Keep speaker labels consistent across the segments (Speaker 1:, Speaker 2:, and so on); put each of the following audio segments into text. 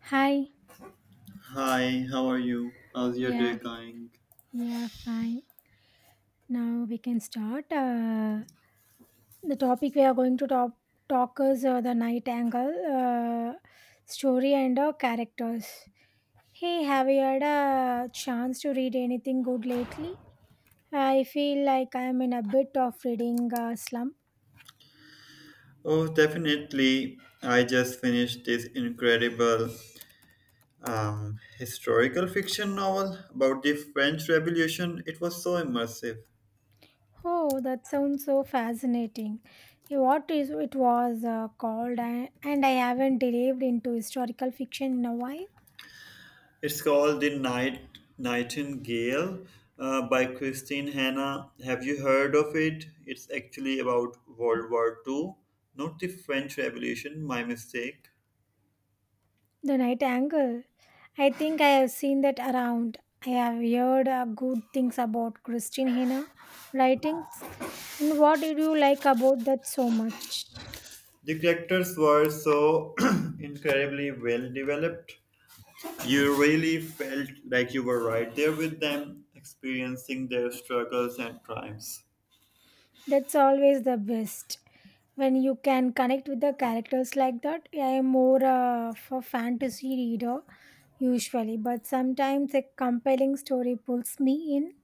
Speaker 1: Hi.
Speaker 2: Hi, how are you? How's your day
Speaker 1: Yeah,
Speaker 2: going?
Speaker 1: yeah, fine. Now we can start. The topic we are going to talk is the Night Angle story and characters. Hey, have you had a chance to read anything good lately? I feel like I am in a bit of reading slump.
Speaker 2: Oh, definitely. I just finished this incredible historical fiction novel about the French Revolution. It was so immersive.
Speaker 1: Oh, that sounds so fascinating. Eh, what is it was called, and I haven't delved into historical fiction in a while.
Speaker 2: It's called The Night Nightingale by Christine Hanna. Have you heard of it? It's actually about World War Two, not the French Revolution, my mistake.
Speaker 1: The Night Angle. I think I have seen that around. I have heard good things about Christine Hina writings. And what did you like about that so much?
Speaker 2: The characters were so incredibly well developed. You really felt like you were right there with them, experiencing their struggles and triumphs.
Speaker 1: That's always the best. When you can connect with the characters like that, I am more of a fantasy reader usually, but sometimes a compelling story pulls me in.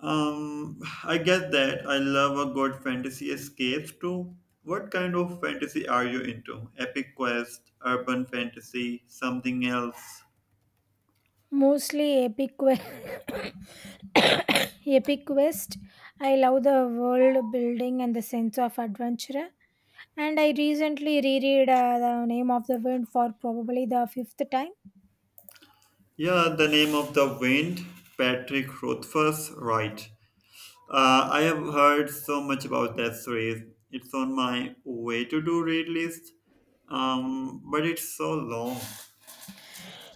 Speaker 2: I get that. I love a good fantasy escape too. What kind of fantasy are you into? Epic quest, urban fantasy, something else?
Speaker 1: Mostly epic quest. Epic quest. I love the world building and the sense of adventure. And I recently reread The Name of the Wind for probably the fifth time.
Speaker 2: Yeah, the name of the wind, Patrick Rothfuss, right. I have heard so much about that series. It's on my way to do read list, but it's so long.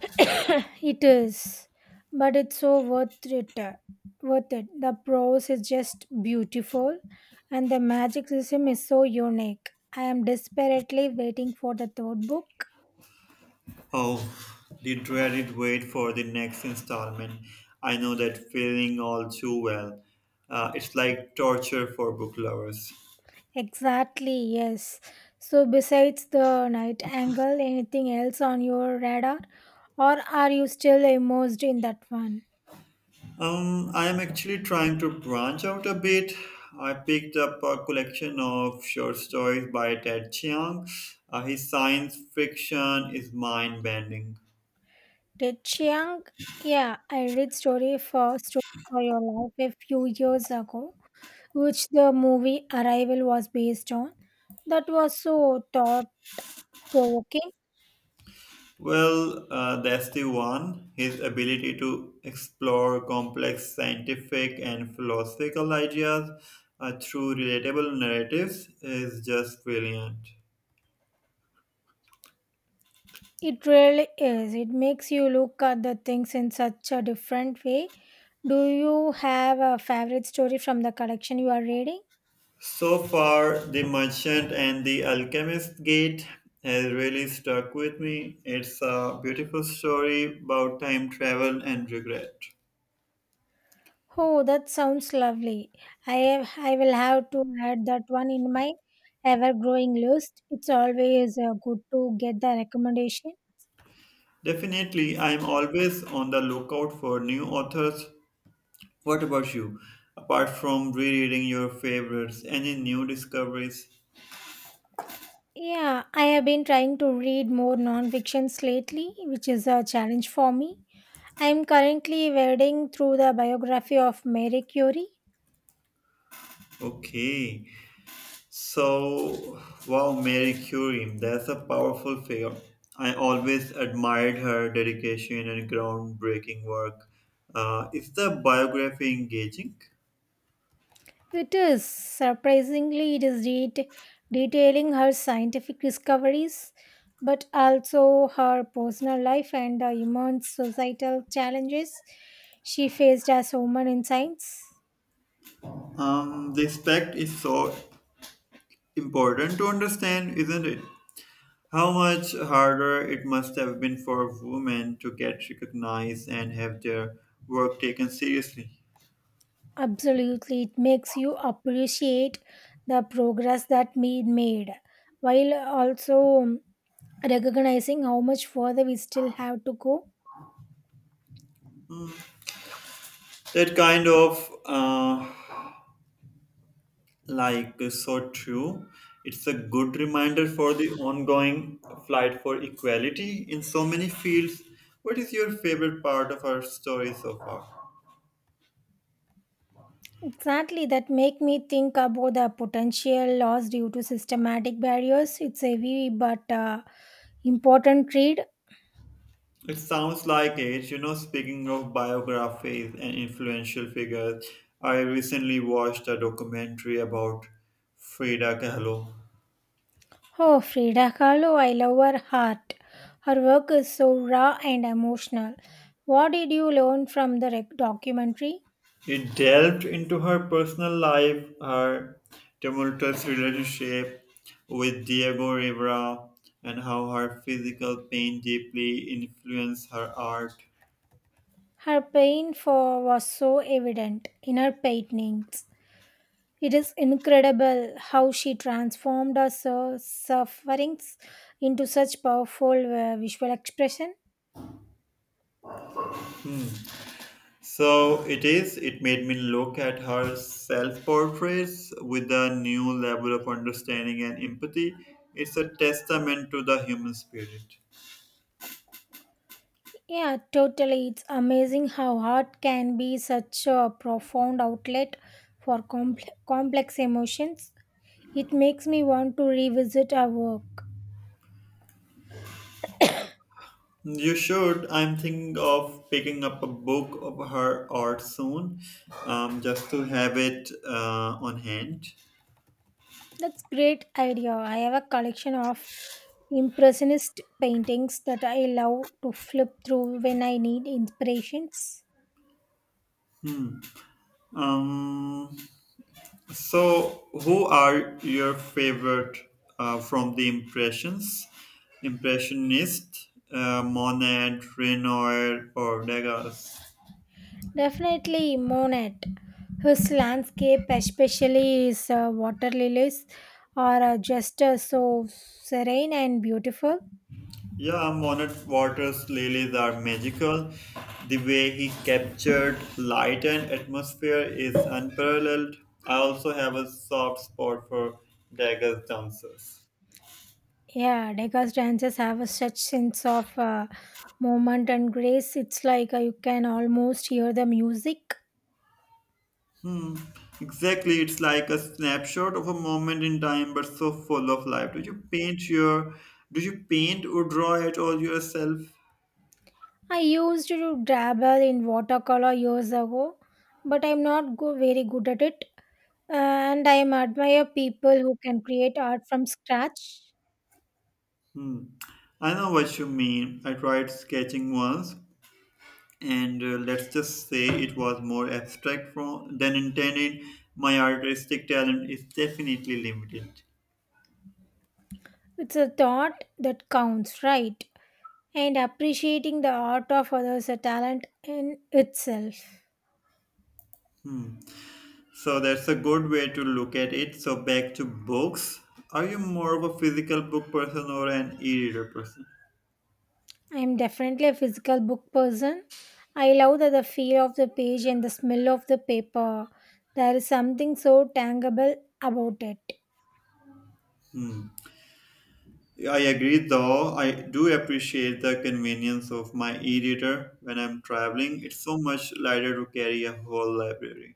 Speaker 1: It is, but it's so worth it. The prose is just beautiful, and the magic system is so unique. I am desperately waiting for the third book.
Speaker 2: Oh, the dreaded wait for the next installment. I know that feeling all too well. It's like torture for book lovers.
Speaker 1: Exactly, yes. So, besides the Night Angle, anything else on your radar, or are you still immersed in that one?
Speaker 2: I am actually trying to branch out a bit. I picked up a collection of short stories by Ted Chiang. His science fiction is mind bending.
Speaker 1: Did Chiang? Yeah, I read Story for Your Life a few years ago, which the movie Arrival was based on. That was so thought provoking.
Speaker 2: Well, that's the one. His ability to explore complex scientific and philosophical ideas through relatable narratives is just brilliant.
Speaker 1: It really is. It makes you look at the things in such a different way. Do you have a favorite story from the collection you are reading?
Speaker 2: So far, The Merchant and the Alchemist's Gate has really stuck with me. It's a beautiful story about time travel and regret.
Speaker 1: Oh, that sounds lovely. I will have to add that one in my ever growing list. It's always good to get the recommendation.
Speaker 2: Definitely, I'm always on the lookout for new authors. What about you? Apart from rereading your favorites, any new discoveries?
Speaker 1: Yeah, I have been trying to read more nonfictions lately, which is a challenge for me. I am currently wading through the biography of Marie Curie.
Speaker 2: Okay, so wow, Mary Curie, that's a powerful figure. I always admired her dedication and groundbreaking work. Is the biography engaging?
Speaker 1: It is surprisingly detailing her scientific discoveries, but also her personal life and the immense societal challenges she faced as woman in science.
Speaker 2: This fact is so important to understand, isn't it? How much harder it must have been for women to get recognized and have their work taken seriously.
Speaker 1: Absolutely, it makes you appreciate the progress that we made while also recognizing how much further we still have to go.
Speaker 2: That kind of uh, like so true. It's a good reminder for the ongoing fight for equality in so many fields. What is your favorite part of our story so far?
Speaker 1: Exactly, that make me think about the potential loss due to systematic barriers. It's a heavy but important read.
Speaker 2: It sounds like it. You know, speaking of biographies and influential figures, I recently watched a documentary about Frida Kahlo.
Speaker 1: Oh, Frida Kahlo, I love her heart. Her work is so raw and emotional. What did you learn from the documentary?
Speaker 2: It delved into her personal life, her tumultuous relationship with Diego Rivera, and how her physical pain deeply influenced her art.
Speaker 1: Her pain for was so evident in her paintings. It is incredible how she transformed her sufferings into such powerful visual expression.
Speaker 2: So it is, it made me look at her self portraits with a new level of understanding and empathy. It's a testament to the human spirit.
Speaker 1: Yeah, totally. It's amazing how art can be such a profound outlet for complex emotions. It makes me want to revisit her work.
Speaker 2: You should. I'm thinking of picking up a book of her art soon, just to have it on hand.
Speaker 1: That's great idea. I have a collection of impressionist paintings that I love to flip through when I need inspirations.
Speaker 2: Um, so, who are your favorite from the impressions? Impressionist, Monet, Renoir, or Degas?
Speaker 1: Definitely Monet. His landscape, especially his water lilies, are just so serene and beautiful.
Speaker 2: Yeah, Monet Waters' lilies are magical. The way he captured light and atmosphere is unparalleled. I also have a soft spot for Dagger's dancers.
Speaker 1: Yeah, Degas dances have a such sense of movement and grace. It's like you can almost hear the music.
Speaker 2: Exactly, it's like a snapshot of a moment in time, but so full of life. Do you paint or draw at all yourself?
Speaker 1: I used to dabble in watercolor years ago, but I'm not go very good at it. And I admire people who can create art from scratch.
Speaker 2: Hmm. I know what you mean. I tried sketching once, and let's just say it was more abstract from, than intended. My artistic talent is definitely limited.
Speaker 1: It's a thought that counts, right? And appreciating the art of others a talent in itself.
Speaker 2: So that's a good way to look at it. So back to books. Are you more of a physical book person or an e-reader person?
Speaker 1: I'm definitely a physical book person. I love that the feel of the page and the smell of the paper. There is something so tangible about it.
Speaker 2: Hmm. I agree though. I do appreciate the convenience of my e-reader when I'm traveling. It's so much lighter to carry a whole library.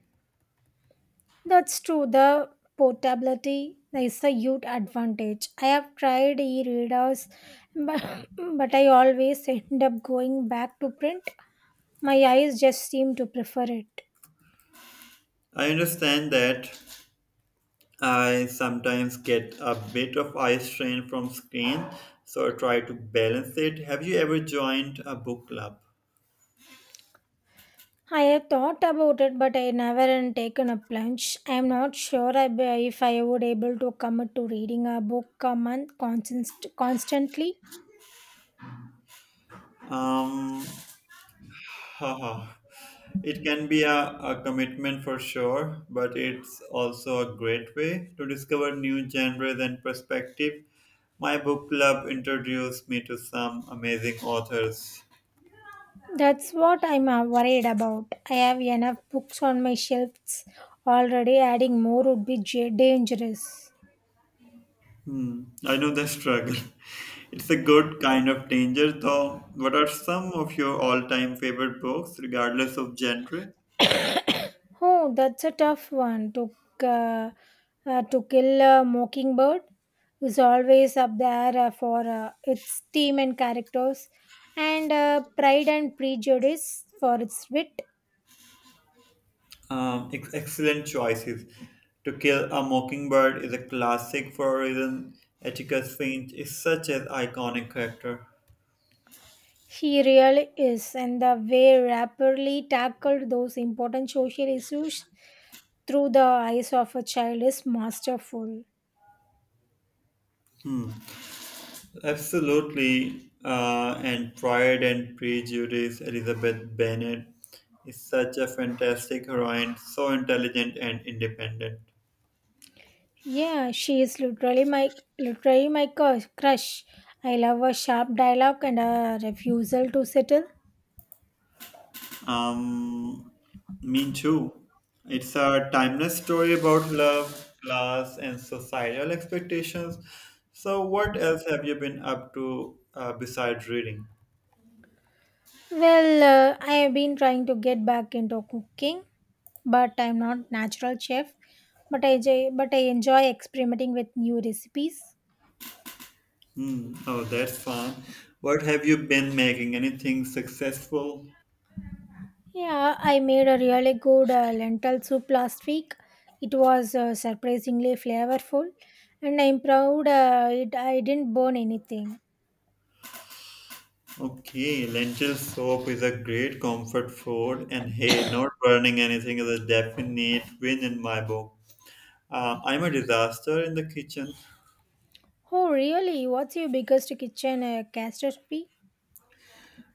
Speaker 1: That's true. The portability is a huge advantage. I have tried e-readers, but, but I always end up going back to print. My eyes just seem to prefer it.
Speaker 2: I understand that. I sometimes get a bit of eye strain from screen, so I try to balance it. Have you ever joined a book club?
Speaker 1: I have thought about it, but I never had taken a plunge. I am not sure if I would able to commit to reading a book a month constantly.
Speaker 2: Um, haha. It can be a commitment for sure, but it's also a great way to discover new genres and perspective. My book club introduced me to some amazing authors.
Speaker 1: That's what I'm worried about. I have enough books on my shelves already. Adding more would be dangerous.
Speaker 2: Hmm, I know the struggle. It's a good kind of danger, though. What are some of your all time favorite books, regardless of genre?
Speaker 1: Oh, that's a tough one. Uh, to Kill a Mockingbird is always up there for its theme and characters, and Pride and Prejudice for its wit.
Speaker 2: Excellent choices. To Kill a Mockingbird is a classic for a reason. Atticus Finch is such an iconic character.
Speaker 1: She really is, and the way rapidly tackled those important social issues through the eyes of a child is masterful.
Speaker 2: Absolutely. And Pride and Prejudice, Elizabeth Bennet is such a fantastic heroine, so intelligent and independent.
Speaker 1: Yeah, she is literally my crush. I love her sharp dialogue and her refusal to settle.
Speaker 2: Um, mean too. It's a timeless story about love, class, and societal expectations. So, what else have you been up to besides reading?
Speaker 1: Well, I have been trying to get back into cooking, but I'm not natural chef. But I enjoy experimenting with new recipes.
Speaker 2: Hmm. Oh, that's fun. What have you been making? Anything successful?
Speaker 1: Yeah, I made a really good lentil soup last week. It was surprisingly flavorful, and I'm proud it I didn't burn anything.
Speaker 2: Okay, lentil soup is a great comfort food, and hey, not burning anything is a definite win in my book. I'm a disaster in the kitchen.
Speaker 1: Oh, really? What's your biggest kitchen catastrophe?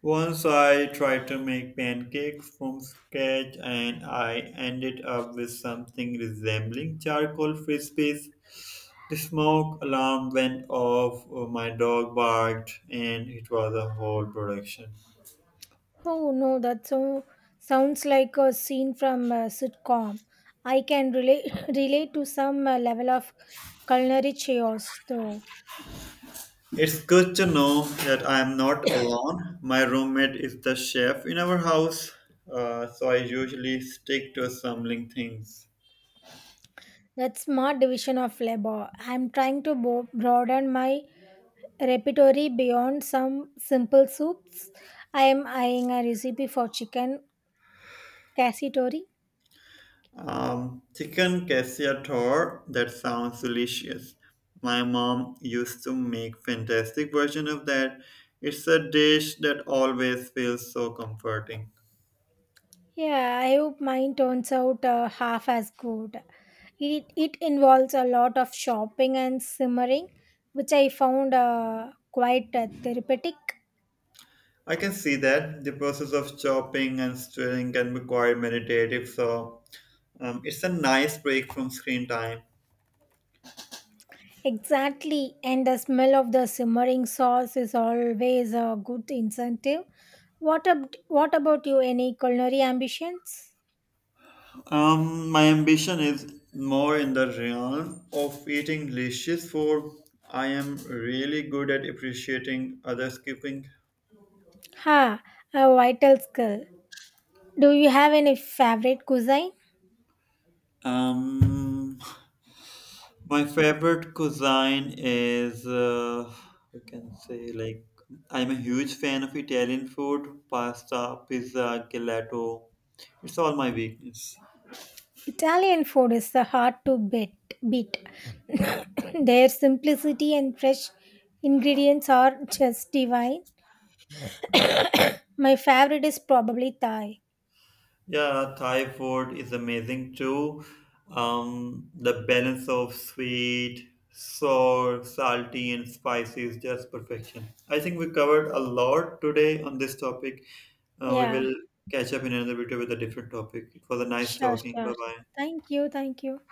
Speaker 2: Once I tried to make pancakes from scratch and I ended up with something resembling charcoal frisbees. The smoke alarm went off, my dog barked, and it was a whole production.
Speaker 1: Oh, no, that sounds like a scene from a sitcom. I can relate, relate to some level of culinary chaos, though.
Speaker 2: It's good to know that I am not alone. My roommate is the chef in our house, so I usually stick to assembling things.
Speaker 1: That's smart division of labor. I'm trying to broaden my repertoire beyond some simple soups. I am eyeing a recipe for chicken cassitori.
Speaker 2: Chicken cacciatore, that sounds delicious. My mom used to make fantastic version of that. It's a dish that always feels so comforting.
Speaker 1: Yeah, I hope mine turns out half as good. It involves a lot of shopping and simmering, which I found quite therapeutic.
Speaker 2: I can see that the process of chopping and stirring can be quite meditative, so it's a nice break from screen time.
Speaker 1: Exactly, and the smell of the simmering sauce is always a good incentive. What about you? Any culinary ambitions?
Speaker 2: My ambition is more in the realm of eating delicious food. I am really good at appreciating others' cooking.
Speaker 1: Ha, a vital skill. Do you have any favorite cuisine?
Speaker 2: Um, my favorite cuisine is, we can say like I'm a huge fan of Italian food, pasta, pizza, gelato. It's all my weakness.
Speaker 1: Italian food is the hard to beat. Their simplicity and fresh ingredients are just divine. My favorite is probably Thai.
Speaker 2: Yeah, Thai food is amazing too. The balance of sweet, sour, salty, and spicy is just perfection. I think we covered a lot today on this topic. We
Speaker 1: Yeah,
Speaker 2: will catch up in another video with a different topic. It was a nice talking.
Speaker 1: sure.
Speaker 2: Bye bye.
Speaker 1: Thank you.